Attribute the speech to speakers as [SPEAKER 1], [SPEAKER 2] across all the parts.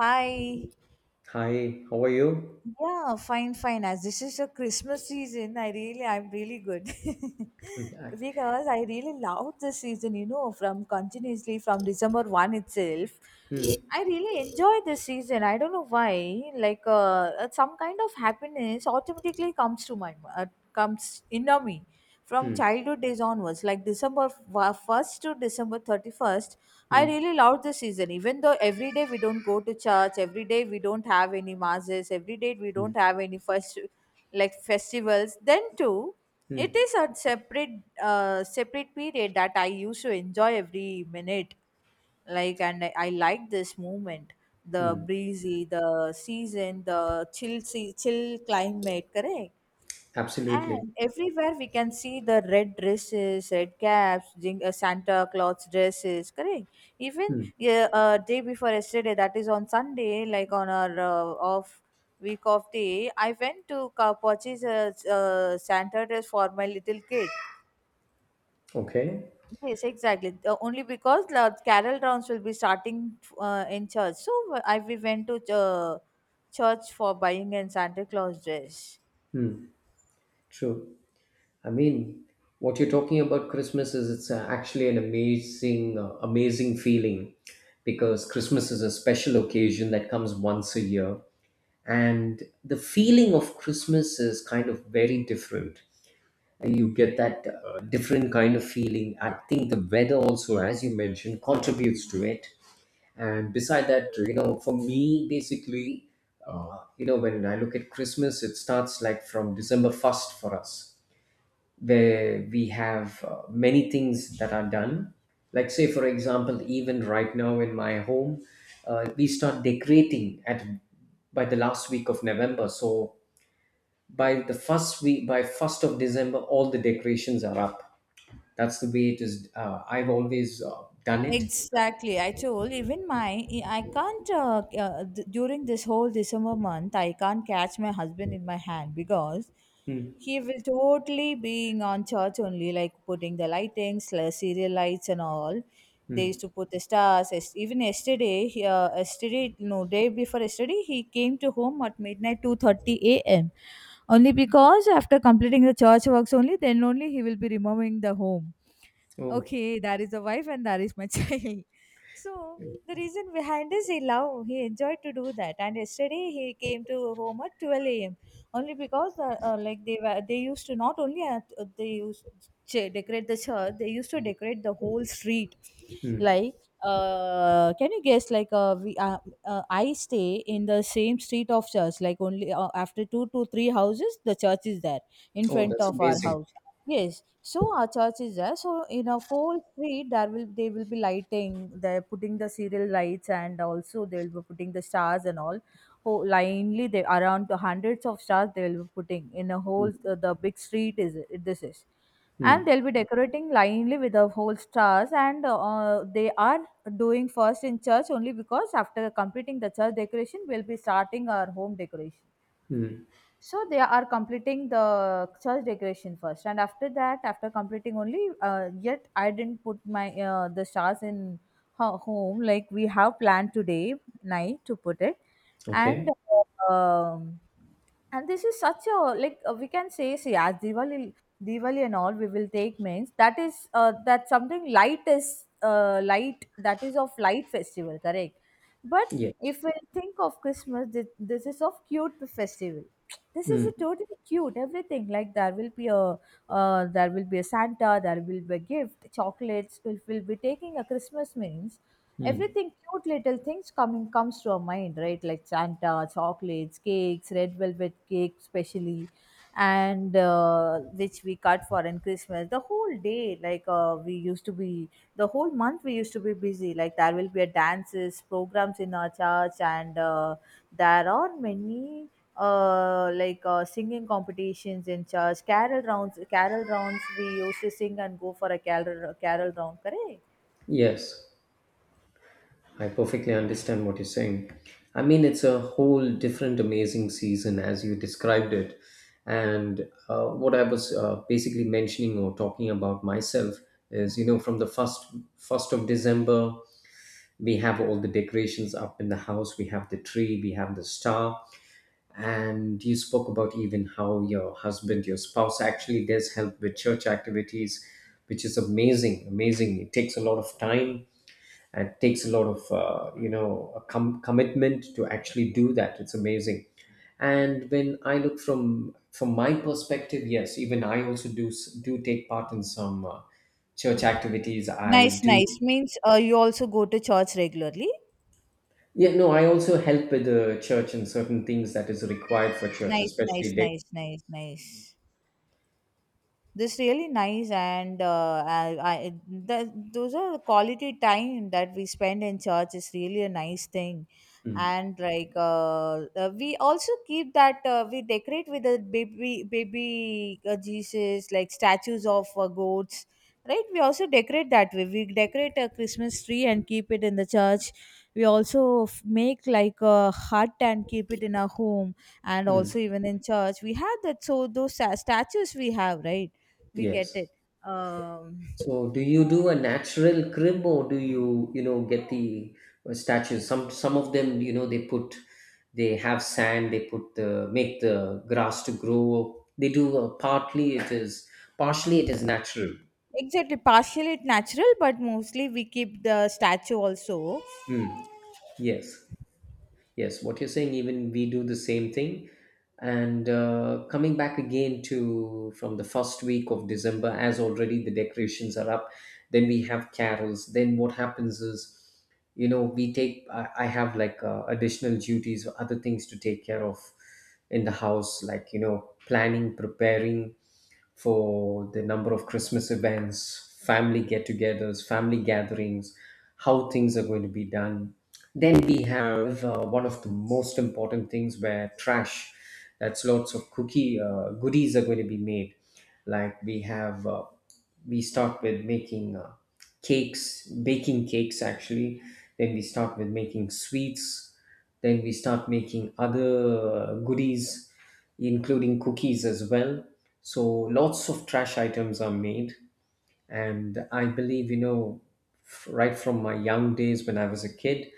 [SPEAKER 1] Hi.
[SPEAKER 2] Hi, how are you?
[SPEAKER 1] Yeah, fine, fine. As this is a Christmas season, I really, I'm really good
[SPEAKER 2] Hmm,
[SPEAKER 1] because I really loved this season. You know, from continuously from December one itself,
[SPEAKER 2] hmm,
[SPEAKER 1] I really enjoy this season. I don't know why. Like, some kind of happiness automatically comes to my comes inner me from
[SPEAKER 2] hmm,
[SPEAKER 1] childhood days onwards. Like December 1st to December 31st, I
[SPEAKER 2] hmm,
[SPEAKER 1] really loved the season, even though every day we don't go to church, every day we don't have any masses, every day we
[SPEAKER 2] hmm,
[SPEAKER 1] don't have any first like festivals. Then too, it
[SPEAKER 2] hmm,
[SPEAKER 1] is a separate separate period that I used to enjoy every minute like and I like this movement, the
[SPEAKER 2] hmm.
[SPEAKER 1] breezy, the season, the chill chill climate, correct? And
[SPEAKER 2] Absolutely.
[SPEAKER 1] everywhere we can see the red dresses, red caps, Santa Claus dresses, correct? Even
[SPEAKER 2] Hmm,
[SPEAKER 1] yeah, day before yesterday, that is on Sunday, like on our off week of day, I went to purchase a Santa dress for my little kid.
[SPEAKER 2] okay.
[SPEAKER 1] Yes, exactly. Only because the carol rounds will be starting in church. So I, we went to church for buying a Santa Claus dress.
[SPEAKER 2] Hmm, true. I mean, what you're talking about Christmas is it's actually an amazing, amazing feeling because Christmas is a special occasion that comes once a year. And the feeling of Christmas is kind of very different. And you get that different kind of feeling. I think the weather also, as you mentioned, contributes to it. And beside that, you know, for me basically, you know, when I look at Christmas, it starts like from December 1st for us, where we have many things that are done, like say for example, even right now in my home, we start decorating at by the last week of November. So by the first week, by 1st of December, all the decorations are up. That's the way it is. Uh, I've always done it.
[SPEAKER 1] Exactly. I told even my I can't during this whole December month I can't catch my husband in my hand because
[SPEAKER 2] Hmm.
[SPEAKER 1] he will totally being on church only like putting the lightings, like serial lights and all. They used
[SPEAKER 2] Hmm.
[SPEAKER 1] to put the stars. Yes- Even yesterday, yesterday no day before yesterday he came to home at midnight 2:30 a.m. Only because after completing the church works only then only he will be removing the home,
[SPEAKER 2] Oh.
[SPEAKER 1] okay, that is the wife and that is my child. So the reason behind is he love he enjoyed to do that, and yesterday he came to home at 12 a.m only because like they were they used to not only they used to decorate the church, they used to decorate the whole street
[SPEAKER 2] Hmm.
[SPEAKER 1] like can you guess, like we I stay in the same street of church, like only after two to three houses the church is there in
[SPEAKER 2] Oh,
[SPEAKER 1] front
[SPEAKER 2] that's
[SPEAKER 1] of our
[SPEAKER 2] amazing.
[SPEAKER 1] house. Yes, so our church is there. So in a whole street, there will they will be lighting. They're putting the serial lights, and also they will be putting the stars and all. Whole linely, they around the hundreds of stars they will be putting in a whole
[SPEAKER 2] Hmm.
[SPEAKER 1] the big street is it, this is, and
[SPEAKER 2] Mm,
[SPEAKER 1] they'll be decorating linely with the whole stars. And they are doing first in church only because after completing the church decoration, we'll be starting our home decoration.
[SPEAKER 2] mm.
[SPEAKER 1] So they are completing the church decoration first, and after that, after completing only, yet I didn't put my the stars in her home. Like we have planned today night to put it, and
[SPEAKER 2] Okay.
[SPEAKER 1] um, and this is such a like we can say see as Diwali. Diwali and all we will take means that is that something light is light, that is of light festival, correct? But
[SPEAKER 2] Yes.
[SPEAKER 1] if we think of Christmas, this is of cute festival, this is a
[SPEAKER 2] Mm,
[SPEAKER 1] totally cute everything. Like there will be a there will be a Santa, there will be a gift, chocolates, we will be taking a Christmas means
[SPEAKER 2] mm.
[SPEAKER 1] everything cute little things coming comes to our mind, right? Like Santa, chocolates, cakes, red velvet cake specially, and which we cut for in Christmas the whole day. Like we used to be the whole month we used to be busy, like there will be a dances programs in our church, and there are many singing competitions in church, carol rounds, carol rounds we used to sing and go for a carol, round, correct?
[SPEAKER 2] Yes. I perfectly understand what you're saying. I mean, it's a whole different amazing season as you described it. And what I was basically mentioning or talking about myself is, you know, from the first of December, we have all the decorations up in the house. We have the tree. We have the star. And you spoke about even how your husband, your spouse actually does help with church activities, which is amazing, amazing. It takes a lot of time, and it takes a lot of you know, a commitment to actually do that. It's amazing. And when I look from my perspective, yes, even I also do do take part in some church activities. I
[SPEAKER 1] Nice, nice.
[SPEAKER 2] do.
[SPEAKER 1] Means you also go to church regularly.
[SPEAKER 2] Yeah, no, I also help with the church in certain things that is required for church,
[SPEAKER 1] Nice, nice,
[SPEAKER 2] especially
[SPEAKER 1] nice, nice, nice. This really nice, and I the, those are quality time that we spend in church is really a nice thing.
[SPEAKER 2] mm,
[SPEAKER 1] And like we also keep that we decorate with the baby Jesus, like statues of goats, right? We also decorate that way, we decorate a Christmas tree and keep it in the church. We also make like a hut and keep it in our home, and also
[SPEAKER 2] mm,
[SPEAKER 1] even in church we have that, so those statues we have right, we get it,
[SPEAKER 2] yes.
[SPEAKER 1] um,
[SPEAKER 2] So, do you do a natural crib, or do you, you know, get the statues? Some of them, you know, they put, they have sand. They put the make the grass to grow. They do partly it is partially it is natural.
[SPEAKER 1] exactly, partially it natural but mostly we keep the statue also.
[SPEAKER 2] Mm. Yes, yes. What you're saying, even we do the same thing. And coming back again to from the first week of December, as already the decorations are up, then we have carols. Then what happens is, you know, we take I have like additional duties or other things to take care of in the house, like, you know, planning, preparing for the number of Christmas events, family get-togethers, family gatherings, how things are going to be done. Then we have one of the most important things where trash, that's lots of cookie goodies are going to be made. Like we have we start with making cakes, baking cakes actually. Then we start with making sweets. Then we start making other goodies, including cookies as well. So lots of trash items are made. And I believe, you know, right from my young days when I was a kid,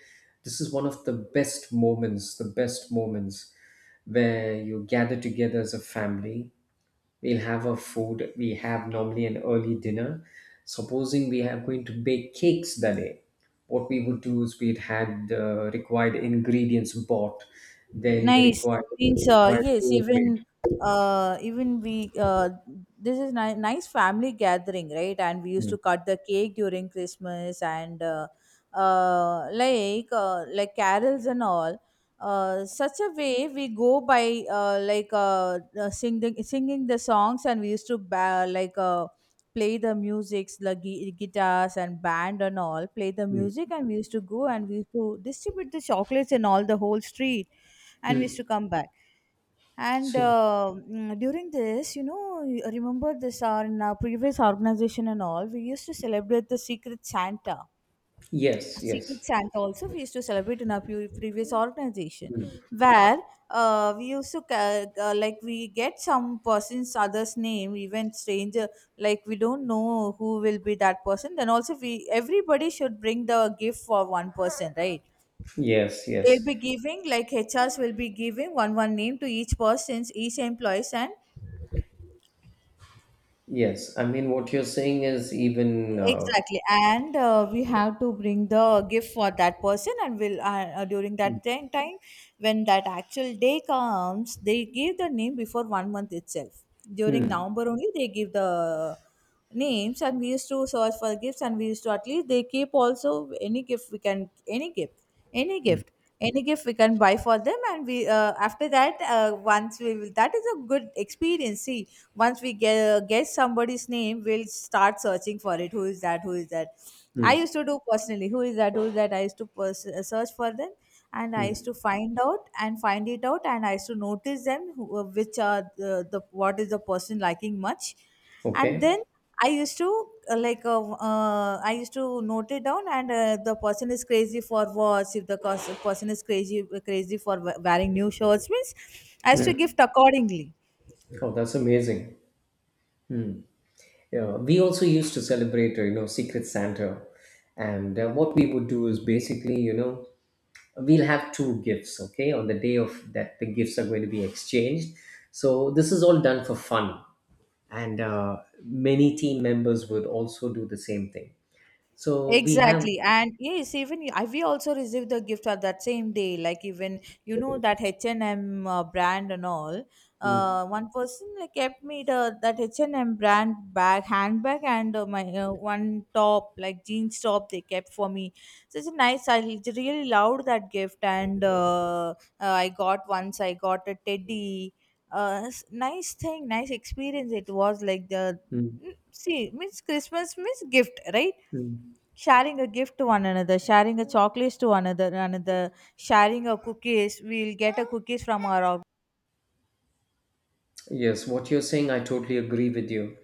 [SPEAKER 2] this is one of the best moments where you gather together as a family. We'll have a food. We have normally an early dinner. Supposing we are going to bake cakes that day, what we would do is we'd had the required ingredients bought, then the
[SPEAKER 1] Nice, means
[SPEAKER 2] required
[SPEAKER 1] yes,
[SPEAKER 2] tools made.
[SPEAKER 1] even even we this is nice family gathering, right? And we used to
[SPEAKER 2] Mm,
[SPEAKER 1] cut the cake during Christmas and like carols and all. Such a way we go by singing the songs, and we used to like play the musics, the guitars and band and all, play the
[SPEAKER 2] mm,
[SPEAKER 1] music, and we used to go, and we used to distribute the chocolates in all the whole street, and we used to
[SPEAKER 2] mm.
[SPEAKER 1] come back. And
[SPEAKER 2] So,
[SPEAKER 1] during this, you know, I remember this our in our previous organization and all we used to celebrate the Secret Santa.
[SPEAKER 2] yes,
[SPEAKER 1] secret
[SPEAKER 2] yes.
[SPEAKER 1] santa also we used to celebrate in our previous organization
[SPEAKER 2] Mm,
[SPEAKER 1] where we used to like we get some person's other's name even stranger, like we don't know who will be that person, then also we everybody should bring the gift for one person, right?
[SPEAKER 2] yes,
[SPEAKER 1] They'll
[SPEAKER 2] yes,
[SPEAKER 1] be giving, like HRs will be giving one name to each person's, each employees, and
[SPEAKER 2] yes, I mean what you're saying is even
[SPEAKER 1] exactly. And we have to bring the gift for that person, and will during that time when that actual day comes, they give the name before 1 month itself. During
[SPEAKER 2] mm,
[SPEAKER 1] November only, they give the names, and we used to search for gifts, and we used to at least they keep also any gift we can any gift, any gift. Any gift we can buy for them, and we after that once we will that is a good experience, see, once we get somebody's name we'll start searching for it, who is that, I
[SPEAKER 2] mm,
[SPEAKER 1] used to do personally, who is that, I used to search for them, and I used to find out and find it out, and I used to notice them who, which are the what is the person liking much, and
[SPEAKER 2] okay.
[SPEAKER 1] then I used to uh, like uh, I used to note it down, and the person is crazy for watch, if the person is crazy, for wearing new shirts means I used to
[SPEAKER 2] Mm.
[SPEAKER 1] gift accordingly.
[SPEAKER 2] Oh, that's amazing. Yeah, we also used to celebrate, you know, Secret Santa. And what we would do is basically, you know, we'll have two gifts, okay, on the day of that the gifts are going to be exchanged. So this is all done for fun. And many team members would also do the same thing. So we have.
[SPEAKER 1] Exactly. And yes, even I, we also received the gift on that same day. Like even, you know, that H&M brand and all.
[SPEAKER 2] Mm,
[SPEAKER 1] One person like kept me the that H&M brand bag, handbag, and my one top, like jeans top they kept for me. Such a nice, I really loved that gift. And I got once, I got a teddy. Nice thing, nice experience it was like the,
[SPEAKER 2] mm,
[SPEAKER 1] see, means Christmas means gift, right?
[SPEAKER 2] mm.
[SPEAKER 1] Sharing a gift to one another, sharing a chocolates to another, sharing a cookies, we'll get a cookies from our org-
[SPEAKER 2] Yes, what you're saying, I totally agree with you.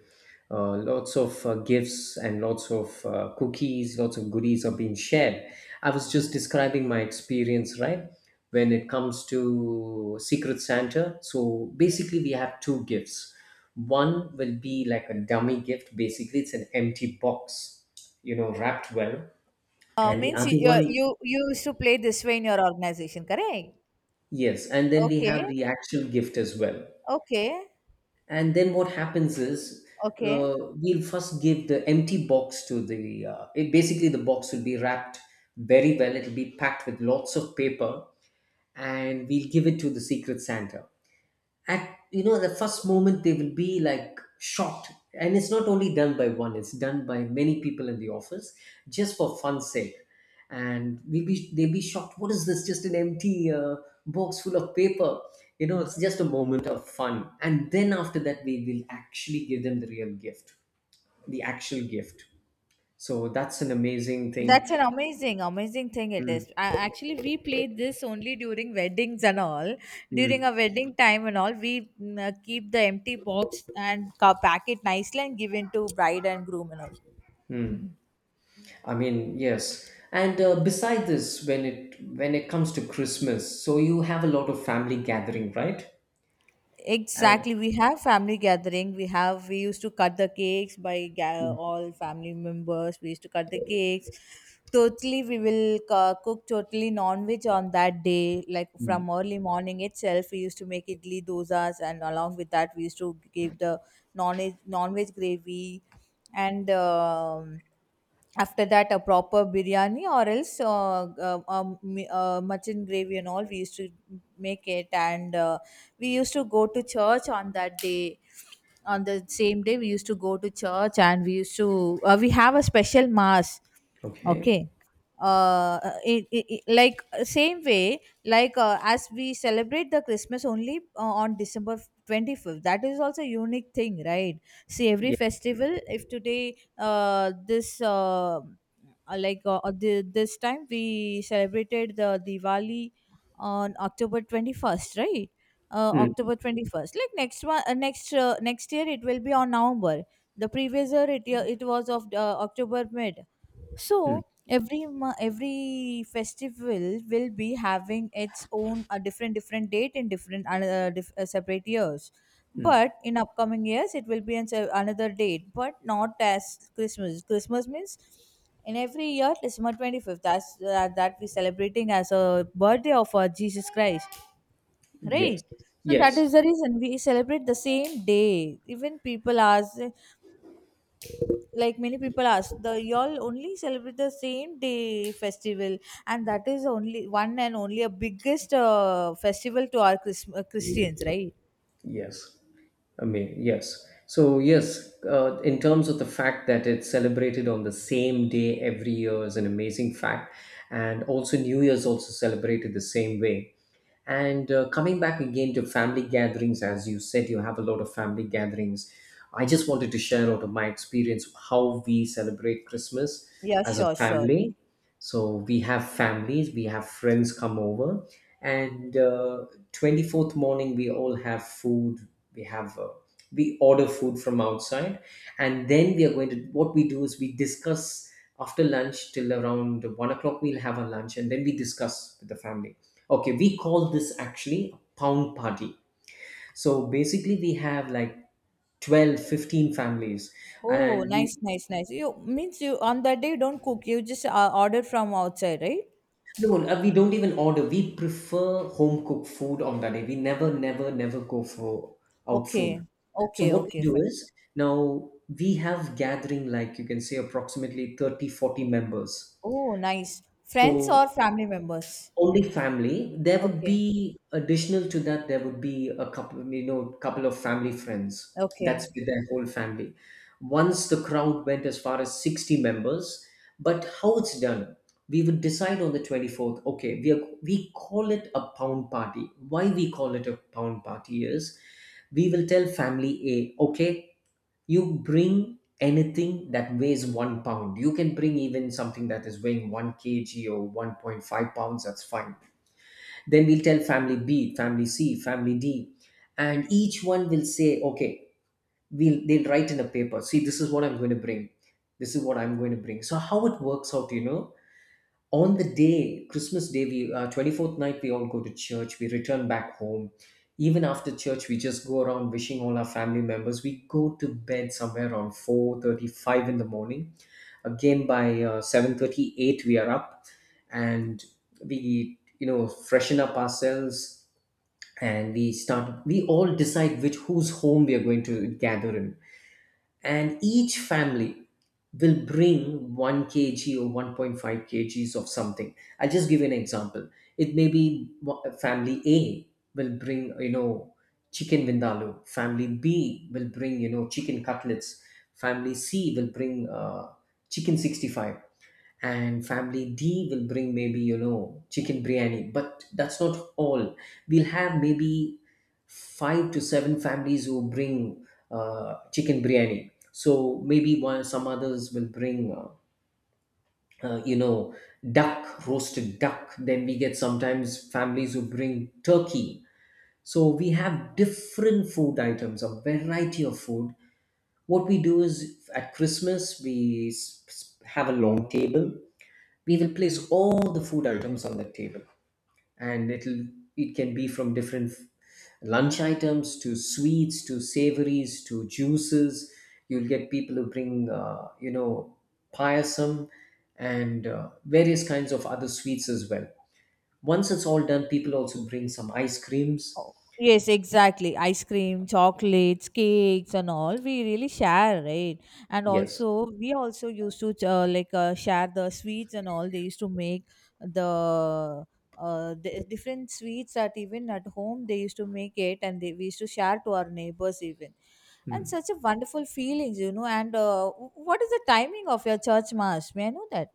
[SPEAKER 2] Lots of gifts and lots of cookies, lots of goodies are being shared. I was just describing my experience, right? When it comes to Secret Santa. So basically, we have two gifts. One will be like a dummy gift, basically, it's an empty box, you know, wrapped well. And the
[SPEAKER 1] means you,
[SPEAKER 2] other one,
[SPEAKER 1] you used to play this way in your organization, correct?
[SPEAKER 2] yes. And then we have
[SPEAKER 1] Okay,
[SPEAKER 2] the actual gift as well.
[SPEAKER 1] okay,
[SPEAKER 2] And then what happens is,
[SPEAKER 1] okay,
[SPEAKER 2] we'll first give the empty box to the, basically the box will be wrapped very well. It'll be packed with lots of paper, and we'll give it to the Secret Santa. At, you know, the first moment they will be like shocked, and it's not only done by one, it's done by many people in the office, just for fun's sake. And we be they be shocked, what is this? Just an empty box full of paper. You know, it's just a moment of fun. And then after that, we will actually give them the real gift, the actual gift. So that's an amazing thing.
[SPEAKER 1] that's an amazing, thing it
[SPEAKER 2] Mm,
[SPEAKER 1] is. I, actually we played this only during weddings and all. During a
[SPEAKER 2] mm,
[SPEAKER 1] wedding time and all we keep the empty box and pack it nicely and give it to bride and groom and all.
[SPEAKER 2] mm. I mean, yes. And beside this, when it comes to Christmas, so you have a lot of family gathering, right? And
[SPEAKER 1] Exactly. We have family gathering. We have we used to cut the cakes by all family members. We used to cut the cakes. Totally, we will cook totally non-veg on that day. Like from early morning itself, we used to make idli dosas, and along with that, we used to give the non-veg gravy, and after that a proper biryani or else mutton gravy and all we used to make it, and we used to go to church on that day, on the same day we used to go to church, and we used to we have a special mass,
[SPEAKER 2] okay,
[SPEAKER 1] okay, uh it, it, like same way like as we celebrate the Christmas only on December 25th, that is also a unique thing, right? See every
[SPEAKER 2] yeah.
[SPEAKER 1] festival if today this this time we celebrated the Diwali on October 21st, right?
[SPEAKER 2] Mm.
[SPEAKER 1] October 21st. Like next one, next year it will be on November. The previous year it was of October mid. So every festival will be having its own a different different date in separate years, but in upcoming years it will be another date but not as Christmas. Christmas means in every year December 25th, that we celebrating as a birthday of our Jesus Christ,
[SPEAKER 2] Yes,
[SPEAKER 1] right? So that
[SPEAKER 2] yes,
[SPEAKER 1] is the reason we celebrate the same day, even people ask, like many people ask the y'all only celebrate the same day festival. And that is only one and only a biggest festival to our Christmas, Christians, right?
[SPEAKER 2] yes. I mean, yes. So, yes, in terms of the fact that it's celebrated on the same day every year is an amazing fact. And also, New Year's also celebrated the same way. And coming back again to family gatherings, as you said, you have a lot of family gatherings. I just wanted to share out of my experience how we celebrate Christmas
[SPEAKER 1] Yeah,
[SPEAKER 2] as a
[SPEAKER 1] sure, sure.
[SPEAKER 2] family. So we have families, we have friends come over, and 24th morning we all have food. We have we order food from outside, and then we are going to what we do is we discuss after lunch till around 1 o'clock. We'll have our lunch, and then we discuss with the family. Okay, we call this actually a pound party. So basically, we have like 12, 15 families,
[SPEAKER 1] Oh,
[SPEAKER 2] and you,
[SPEAKER 1] nice, nice, nice. You means you on that day you don't cook. You just order from outside, right?
[SPEAKER 2] no, no, we don't even order. We prefer home cooked food on that day. We never, never, never go for out food.
[SPEAKER 1] Okay,
[SPEAKER 2] So
[SPEAKER 1] okay,
[SPEAKER 2] what we
[SPEAKER 1] okay,
[SPEAKER 2] do
[SPEAKER 1] fine.
[SPEAKER 2] is now we have gathering like you can say approximately 30, 40 members.
[SPEAKER 1] Oh, nice. Friends
[SPEAKER 2] So
[SPEAKER 1] or family members?
[SPEAKER 2] only family. There would
[SPEAKER 1] Okay,
[SPEAKER 2] be additional to that. There would be a couple, you know, couple of family friends.
[SPEAKER 1] okay.
[SPEAKER 2] That's with their whole family. Once the crowd went as far as 60 members, but how it's done, we would decide on the 24th. Okay, we are, we call it a pound party. Why we call it a pound party is, we will tell family A, okay, you bring anything that weighs 1 pound. You can bring even something that is weighing one kg or 1.5 pounds, that's fine. Then we'll tell family B, family C, family D, and each one will say, okay, we'll they'll write in a paper. See, this is what I'm going to bring. This is what I'm going to bring. So how it works out, you know, on the day Christmas day we 24th night, we all go to church. We return back home. Even after church, we just go around wishing all our family members. We go to bed somewhere around 4:35 in the morning. Again by 7:38 we are up, and we, you know, freshen up ourselves. And we start, we all decide which whose home we are going to gather in. And each family will bring 1 kg or 1.5 kgs of something. I'll just give you an example. It may be family A will bring, you know, chicken vindaloo. Family B will bring, you know, chicken cutlets. Family C will bring chicken 65. And family D will bring maybe, you know, chicken biryani. But that's not all. We'll have maybe five to seven families who bring chicken biryani. So maybe one, some others will bring you know, duck, roasted duck. Then we get sometimes families who bring turkey. So we have different food items, a variety of food. What we do is at Christmas, we have a long table. We will place all the food items on the table. And it can be from different lunch items to sweets to savories to juices. You'll get people who bring you know, payasam, and various kinds of other sweets as well. Once it's all done, people also bring some ice creams.
[SPEAKER 1] Yes, exactly. Ice cream, chocolates, cakes, and all we really share, right? And
[SPEAKER 2] Yes.
[SPEAKER 1] also, we also used to like share the sweets and all. They used to make the the different sweets that even at home they used to make it, and we used to share to our neighbors even. And
[SPEAKER 2] Hmm.
[SPEAKER 1] such a wonderful feelings. And what is the timing of your church mass? May I know that?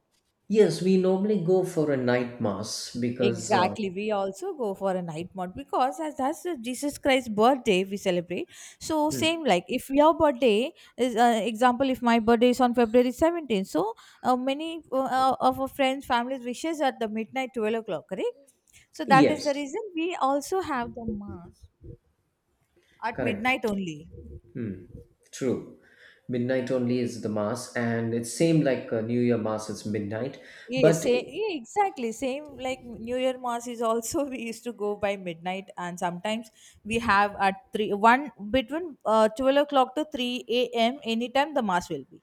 [SPEAKER 2] Yes, we normally go for a night mass because
[SPEAKER 1] Exactly. We also go for a night mode because as that's the Jesus Christ's birthday we celebrate. So
[SPEAKER 2] hmm,
[SPEAKER 1] same like if your birthday is example if my birthday is on February 17th. So many of our friends families wishes at the midnight 12 o'clock, correct? So that is the
[SPEAKER 2] yes,
[SPEAKER 1] reason we also have the mass at
[SPEAKER 2] correct.
[SPEAKER 1] midnight only.
[SPEAKER 2] Hmm. True. Midnight only is the mass, and it seemed like New Year mass, it's midnight.
[SPEAKER 1] Yeah,
[SPEAKER 2] But
[SPEAKER 1] same,
[SPEAKER 2] eh,
[SPEAKER 1] yeah, exactly. Same like New Year Mass is also we used to go by midnight, and sometimes we have at three one between 12 o'clock to 3 a.m. Anytime the mass will be.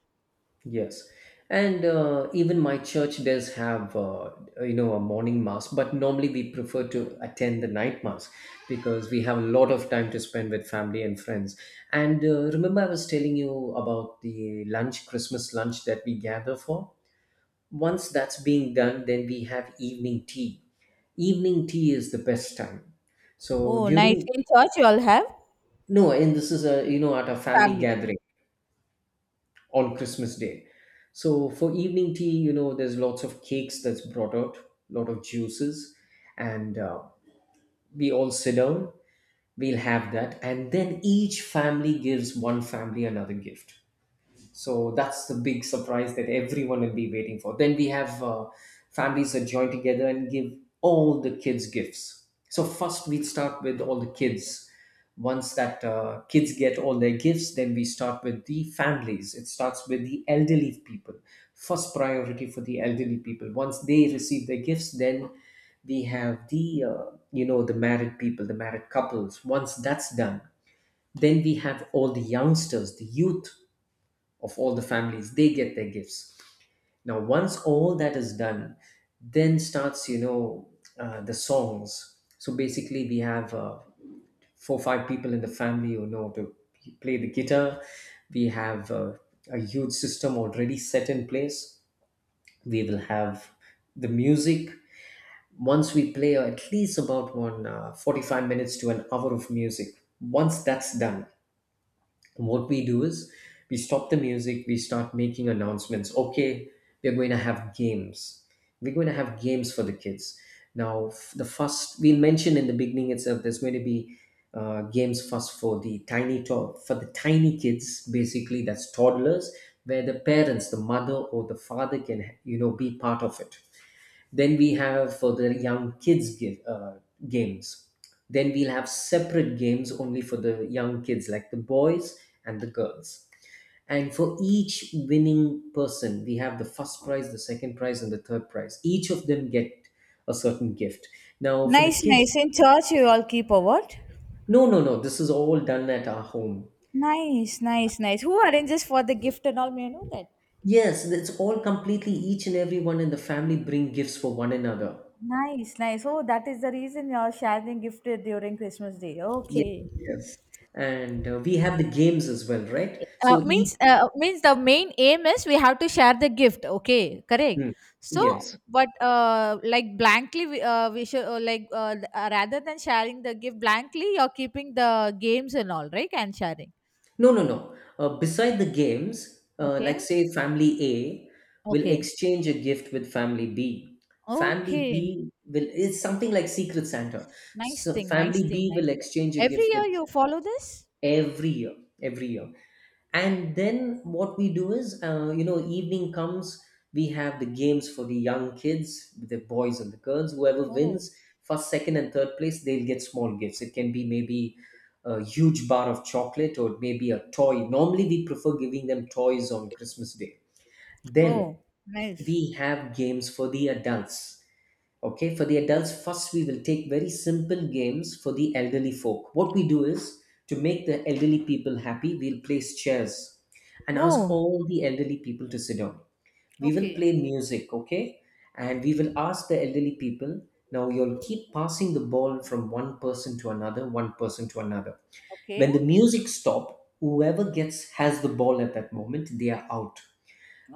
[SPEAKER 2] yes, and even my church does have you know, a morning mass, but normally we prefer to attend the night mass because we have a lot of time to spend with family and friends. And Remember, I was telling you about the lunch, Christmas lunch that we gather for. Once that's being done, then we have evening tea. Evening tea is the best time. So
[SPEAKER 1] Oh, nice!
[SPEAKER 2] during
[SPEAKER 1] In church, you all have
[SPEAKER 2] No, and this is a at a family
[SPEAKER 1] family.
[SPEAKER 2] gathering on Christmas Day. So for evening tea, there's lots of cakes that's brought out, lot of juices, and we all sit down. We'll have that, and then each family gives one family another gift. So that's the big surprise that everyone will be waiting for. Then we have families that join together and give all the kids gifts. So first we start with all the kids. Once that kids get all their gifts, then we start with the families. It starts with the elderly people. First priority for the elderly people. Once they receive their gifts, then we have the the married people, the married couples. Once that's done, then we have all the youngsters, the youth of all the families, they get their gifts. Now once all that is done, then starts, the songs. So basically we have four or five people in the family who know to play the guitar. We have a huge system already set in place. We will have the music. Once we play at least about one 45 minutes to an hour of music, once that's done, what we do is we stop the music, we start making announcements. Okay, we're going to have games. We're going to have games for the kids. Now, the first we mentioned in the beginning itself, there's going to be games first for the tiny for the tiny kids. Basically, that's toddlers, where the parents, the mother or the father, can, be part of it. Then we have for the young kids give, games. Then we'll have separate games only for the young kids, like the boys and the girls. And for each winning person, we have the first prize, the second prize, and the third prize. Each of them get a certain gift. Now, for the
[SPEAKER 1] Nice,
[SPEAKER 2] kids,
[SPEAKER 1] nice. In church, you all keep a what?
[SPEAKER 2] no, no, no, this is all done at our home.
[SPEAKER 1] Nice, nice, nice. Who arranges for the gift and all? May I know that?
[SPEAKER 2] Yes, it's all completely each and everyone in the family bring gifts for one another.
[SPEAKER 1] Nice, nice. Oh, that is the reason you're sharing gift during Christmas Day.
[SPEAKER 2] Yes,
[SPEAKER 1] Okay.
[SPEAKER 2] yes. And we have the games as well, right?
[SPEAKER 1] uh,
[SPEAKER 2] So each.
[SPEAKER 1] means uh, means the main aim is we have to share the gift, okay, correct.
[SPEAKER 2] Hmm.
[SPEAKER 1] So
[SPEAKER 2] Yes.
[SPEAKER 1] but like blankly we should like rather than sharing the gift blankly you're keeping the games and all right and sharing.
[SPEAKER 2] No, no, no. Beside the games,
[SPEAKER 1] Okay,
[SPEAKER 2] like say, family A will
[SPEAKER 1] okay.
[SPEAKER 2] exchange a gift with family B. Family
[SPEAKER 1] Okay,
[SPEAKER 2] B will, it's something like Secret Santa.
[SPEAKER 1] nice
[SPEAKER 2] So
[SPEAKER 1] thing, nice
[SPEAKER 2] family
[SPEAKER 1] thing,
[SPEAKER 2] B
[SPEAKER 1] nice
[SPEAKER 2] will
[SPEAKER 1] thing.
[SPEAKER 2] exchange a
[SPEAKER 1] Every
[SPEAKER 2] gift
[SPEAKER 1] year
[SPEAKER 2] with
[SPEAKER 1] you follow this?
[SPEAKER 2] every year, every year. And then what we do is, evening comes, we have the games for the young kids, the boys and the girls. Whoever
[SPEAKER 1] Oh.
[SPEAKER 2] wins first, second and third place, they'll get small gifts. It can be maybe a huge bar of chocolate, or it may be a toy. Normally we prefer giving them toys on Christmas Day. Then
[SPEAKER 1] Oh, nice.
[SPEAKER 2] we have games for the adults. Okay, for the adults, first we will take very simple games for the elderly folk. What we do is, to make the elderly people happy, we'll place chairs and ask
[SPEAKER 1] Oh.
[SPEAKER 2] all the elderly people to sit down. We will
[SPEAKER 1] Okay.
[SPEAKER 2] play music, okay? And we will ask the elderly people, now you'll keep passing the ball from one person to another, one person to another.
[SPEAKER 1] Okay.
[SPEAKER 2] When the music stops, whoever gets has the ball at that moment, they are out.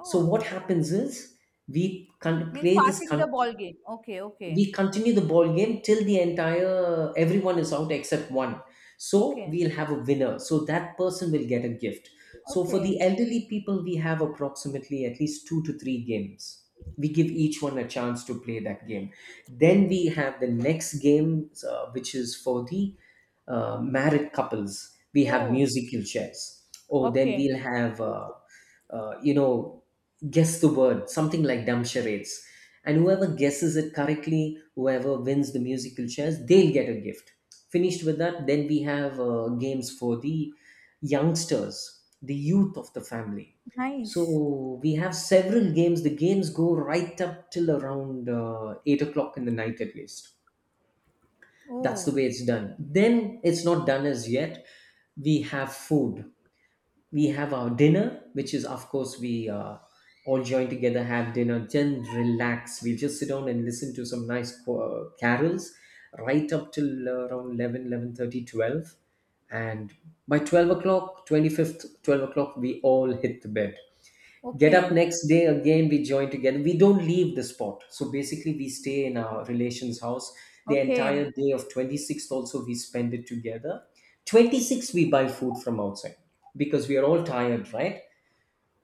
[SPEAKER 2] So what happens is, we can
[SPEAKER 1] Means
[SPEAKER 2] play this
[SPEAKER 1] passing the
[SPEAKER 2] con-
[SPEAKER 1] ball game. Okay, okay.
[SPEAKER 2] we continue the ball game till the entire everyone is out except one. So
[SPEAKER 1] Okay.
[SPEAKER 2] we'll have a winner, so that person will get a gift. So for
[SPEAKER 1] Okay.
[SPEAKER 2] the elderly people we have approximately at least two to three games. We give each one a chance to play that game. Then we have the next game, which is for the married couples. We have
[SPEAKER 1] Oh.
[SPEAKER 2] musical chairs. Oh, then
[SPEAKER 1] Okay.
[SPEAKER 2] we'll have uh, you know guess the word, something like dumb charades. And whoever guesses it correctly, whoever wins the musical chairs, they'll get a gift. Finished with that, then we have games for the youngsters, the youth of the family. So
[SPEAKER 1] Nice.
[SPEAKER 2] we have several games. The games go right up till around 8 o'clock in the night at least. That's the
[SPEAKER 1] Oh,
[SPEAKER 2] way it's done. Then it's not done as yet. We have food. We have our dinner, which is, of course, we all join together, have dinner, then relax. We'll just sit down and listen to some nice carols right up till around 11, 11:30, 12. And by 12 o'clock, 25th, 12 o'clock, we all hit the bed. Get up
[SPEAKER 1] okay.
[SPEAKER 2] next day, again we join together, we don't leave the spot. So basically we stay in our relations house. The
[SPEAKER 1] Okay.
[SPEAKER 2] entire day of 26th also we spend it together. 26th we buy food from outside, because we are all tired, right?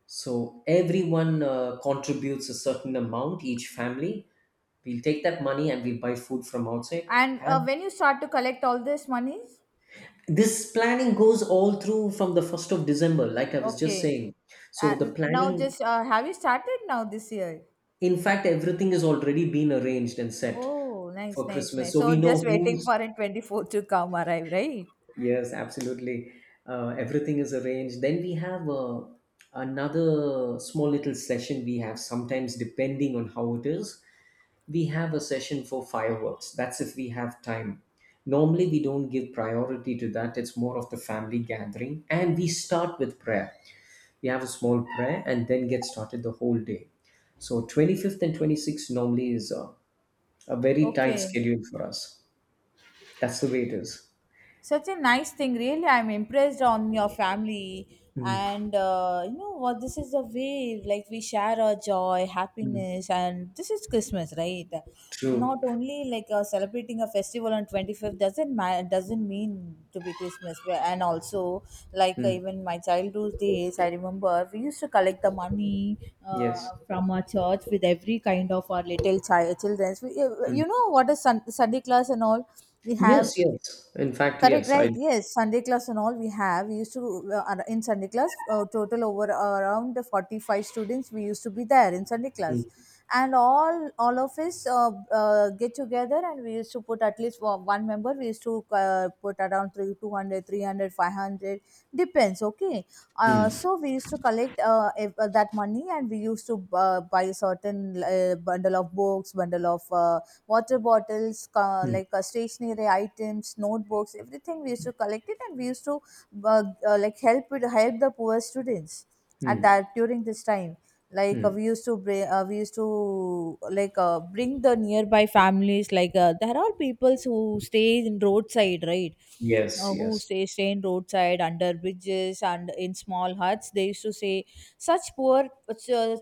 [SPEAKER 2] So everyone contributes a certain amount, each family. We'll take that money and we buy food from outside.
[SPEAKER 1] And
[SPEAKER 2] Have,
[SPEAKER 1] when you start to collect all this monies?
[SPEAKER 2] this planning goes all through from the 1st of December, like I was just
[SPEAKER 1] Okay.
[SPEAKER 2] saying. So the
[SPEAKER 1] And now
[SPEAKER 2] planning,
[SPEAKER 1] just have you started now this year?
[SPEAKER 2] in fact, everything is already been arranged and set
[SPEAKER 1] Oh, nice,
[SPEAKER 2] for
[SPEAKER 1] nice,
[SPEAKER 2] Christmas.
[SPEAKER 1] nice.
[SPEAKER 2] So
[SPEAKER 1] So
[SPEAKER 2] we know
[SPEAKER 1] just waiting
[SPEAKER 2] who's.
[SPEAKER 1] for it 24 to come arrive, right?
[SPEAKER 2] Yes, absolutely. Everything is arranged. Then we have another small little session we have sometimes, depending on how it is. We have a session for fireworks. That's if we have time. Normally, we don't give priority to that. It's more of the family gathering. And we start with prayer. We have a small prayer and then get started the whole day. So 25th and 26th normally is a very tight
[SPEAKER 1] Okay.
[SPEAKER 2] schedule for us. That's the way it is.
[SPEAKER 1] Such a nice thing, really. I'm impressed on your family.
[SPEAKER 2] Mm,
[SPEAKER 1] And you know what, this is the way like we share our joy,
[SPEAKER 2] mm,
[SPEAKER 1] happiness, and this is Christmas, right? Not
[SPEAKER 2] true.
[SPEAKER 1] only like celebrating a festival on 25th doesn't mean to be Christmas. And also like
[SPEAKER 2] Mm,
[SPEAKER 1] even my childhood days I remember we used to collect the money uh,
[SPEAKER 2] yes.
[SPEAKER 1] from our church with every kind of our little child children, you
[SPEAKER 2] Mm.
[SPEAKER 1] know what is Sunday class and all we have.
[SPEAKER 2] Yes, yes. In fact,
[SPEAKER 1] Correct,
[SPEAKER 2] yes.
[SPEAKER 1] right?
[SPEAKER 2] I.
[SPEAKER 1] Yes, Sunday class and all we have. We used to in Sunday class total over around 45 students. We used to be there in Sunday class,
[SPEAKER 2] Mm,
[SPEAKER 1] and all of us get together, and we used to put at least one member. We used to put around 200, 300, 500. Depends. Okay,
[SPEAKER 2] mm,
[SPEAKER 1] so we used to collect that money and we used to buy certain bundle of books, bundle of water bottles,
[SPEAKER 2] mm,
[SPEAKER 1] like stationery items, notebooks, everything. We used to collect it, and we used to like help the poor students at
[SPEAKER 2] mm,
[SPEAKER 1] that during this time. Like
[SPEAKER 2] mm.
[SPEAKER 1] we used to like bring the nearby families. Like there are peoples who stay in roadside, right?
[SPEAKER 2] Yes,
[SPEAKER 1] Who
[SPEAKER 2] yes.
[SPEAKER 1] staying roadside under bridges and in small huts they used to say such poor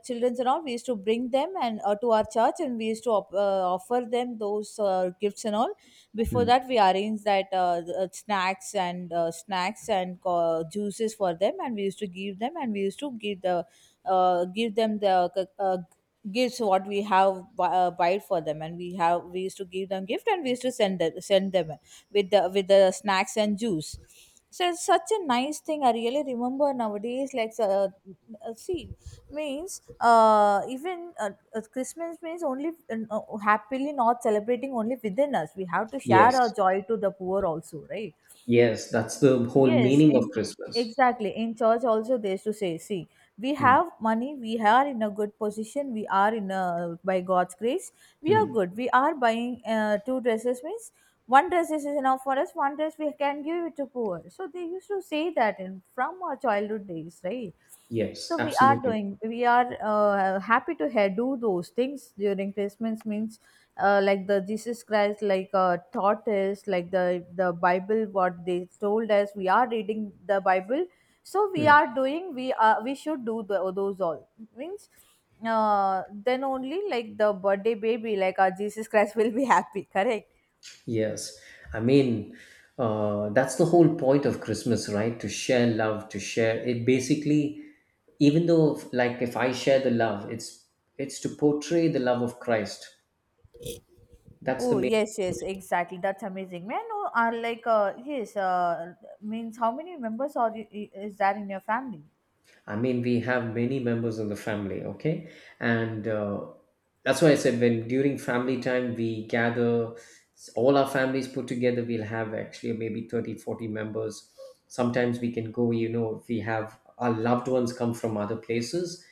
[SPEAKER 1] children and all, we used to bring them and to our church, and we used to offer them those gifts and all. Before
[SPEAKER 2] Mm,
[SPEAKER 1] that we arranged that snacks and juices for them, and we used to give them, and we used to give them the uh, uh, gifts what we have buy for them, and we used to give them gift, and we used to send them with the snacks and juice. So it's such a nice thing I really remember nowadays, like see, means even Christmas means only happily not celebrating only within us, we have to share our
[SPEAKER 2] yes,
[SPEAKER 1] joy to the poor also, right?
[SPEAKER 2] yes. That's the whole
[SPEAKER 1] Yes,
[SPEAKER 2] meaning
[SPEAKER 1] in
[SPEAKER 2] of Christmas.
[SPEAKER 1] exactly. In church also they used to say, see, we
[SPEAKER 2] Mm,
[SPEAKER 1] have money, we are in a good position, we are in a by God's grace, we are
[SPEAKER 2] mm.
[SPEAKER 1] good. We are buying two dresses means one dress is enough for us, one dress we can give it to poor. So they used to say that in from our childhood days, right?
[SPEAKER 2] Yes,
[SPEAKER 1] So we are
[SPEAKER 2] absolutely.
[SPEAKER 1] doing, we are happy to do those things during Christmas, means like the Jesus Christ like taught us, like the Bible what they told us, we are reading the Bible. So we
[SPEAKER 2] Mm.
[SPEAKER 1] are doing, we should do those all, means then only like the birthday baby like our Jesus Christ will be happy correct?
[SPEAKER 2] Yes, I mean, that's the whole point of Christmas, right? To share love, to share it. Basically, even though, like, if I share the love, it's to portray the love of Christ. That's the
[SPEAKER 1] Oh
[SPEAKER 2] main.
[SPEAKER 1] yes, yes, exactly. That's amazing, man. I are like yes, means how many members are you, is there in your family?
[SPEAKER 2] I mean, we have many members in the family, okay? And that's why I said, when during family time we gather, all our families put together, we'll have actually maybe 30, 40 members. Sometimes we can go, you know, if we have our loved ones come from other places,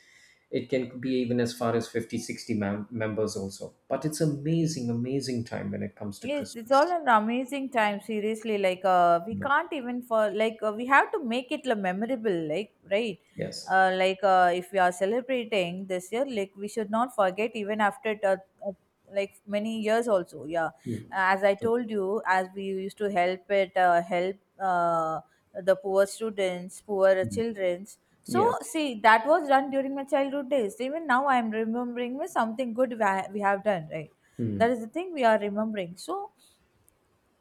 [SPEAKER 2] it can be even as far as 50, 60 members also. But it's amazing, amazing time when it comes to
[SPEAKER 1] Yes, it's all
[SPEAKER 2] Christmas.
[SPEAKER 1] an amazing time. Seriously, like we
[SPEAKER 2] Mm.
[SPEAKER 1] can't even for like we have to make it like, memorable. Like, right,
[SPEAKER 2] Yes.
[SPEAKER 1] like if we are celebrating this year, like we should not forget even after it, uh, like many years also. Yeah,
[SPEAKER 2] Mm.
[SPEAKER 1] as I told you, as we used to help the poor students, poor
[SPEAKER 2] Mm.
[SPEAKER 1] childrens. So
[SPEAKER 2] Yes.
[SPEAKER 1] see, that was done during my childhood days. Even now, I am remembering with something good we have done. Right, that
[SPEAKER 2] Mm.
[SPEAKER 1] is the thing we are remembering, so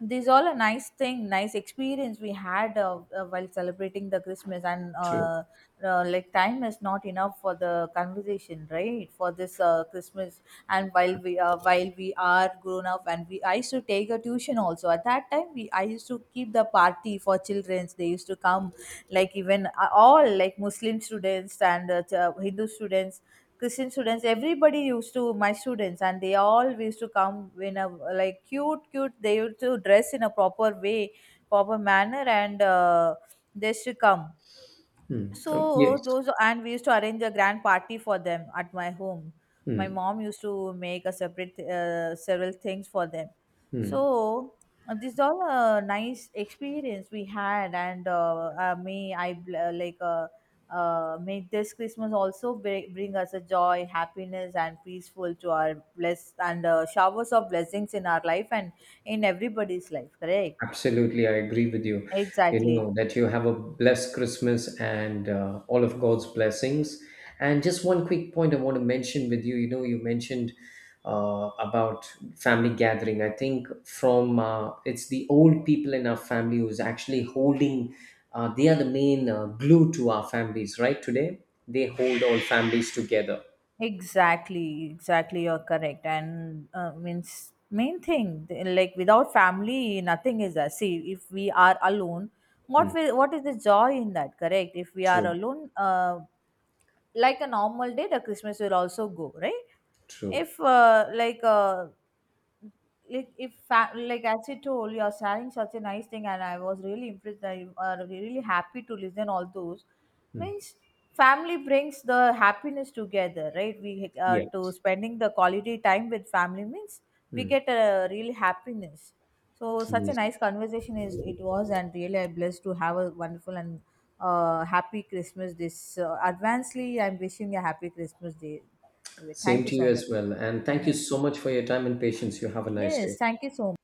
[SPEAKER 1] these all a nice thing, nice experience we had while celebrating the Christmas, and
[SPEAKER 2] True.
[SPEAKER 1] like time is not enough for the conversation, right, for this Christmas. And while we are grown up, and we I used to take a tuition also at that time we I used to keep the party for childrens they used to come, like even all like Muslim students and Hindu students, Christian students, everybody used to my students, and they all used to come in a like cute, cute. They used to dress in a proper way, proper manner, and they should come.
[SPEAKER 2] Mm.
[SPEAKER 1] So
[SPEAKER 2] Yes.
[SPEAKER 1] those, and we used to arrange a grand party for them at my home. My
[SPEAKER 2] Mm.
[SPEAKER 1] mom used to make a separate several things for them.
[SPEAKER 2] Hmm,
[SPEAKER 1] So this is all a nice experience we had, and may I bl- like may this Christmas also bring us a joy, happiness, and peaceful to our bless and showers of blessings in our life and in everybody's life. Correct?
[SPEAKER 2] absolutely, I agree with you. You
[SPEAKER 1] Exactly.
[SPEAKER 2] know, that you have a blessed Christmas and all of God's blessings. And just one quick point I want to mention with you. You know, you mentioned about family gathering. I think from it's the old people in our family who's actually holding, they are the main glue to our families, right? Today, they hold all families together.
[SPEAKER 1] Exactly, exactly. You're correct, and means main thing like without family, nothing is there. See, if we are alone,
[SPEAKER 2] Hmm,
[SPEAKER 1] what is the joy in that? Correct. If we are
[SPEAKER 2] true,
[SPEAKER 1] alone, like a normal day the Christmas will also go, right?
[SPEAKER 2] true.
[SPEAKER 1] if like like if fa- Like as you told, you're sharing such a nice thing and I was really impressed. I really happy to listen all those,
[SPEAKER 2] Hmm,
[SPEAKER 1] means family brings the happiness together, right. we to
[SPEAKER 2] yes.
[SPEAKER 1] spending the quality time with family means we
[SPEAKER 2] Hmm,
[SPEAKER 1] get a real happiness. So such a
[SPEAKER 2] amazing.
[SPEAKER 1] nice conversation is it was, and really I'm blessed to have a wonderful and happy Christmas. This advancedly, I'm wishing a happy Christmas day. Anyway, thank
[SPEAKER 2] Same
[SPEAKER 1] you
[SPEAKER 2] to you
[SPEAKER 1] so much.
[SPEAKER 2] as well. And thank you so
[SPEAKER 1] Yes,
[SPEAKER 2] much for your time and patience. You have a nice
[SPEAKER 1] yes,
[SPEAKER 2] day.
[SPEAKER 1] thank you so much.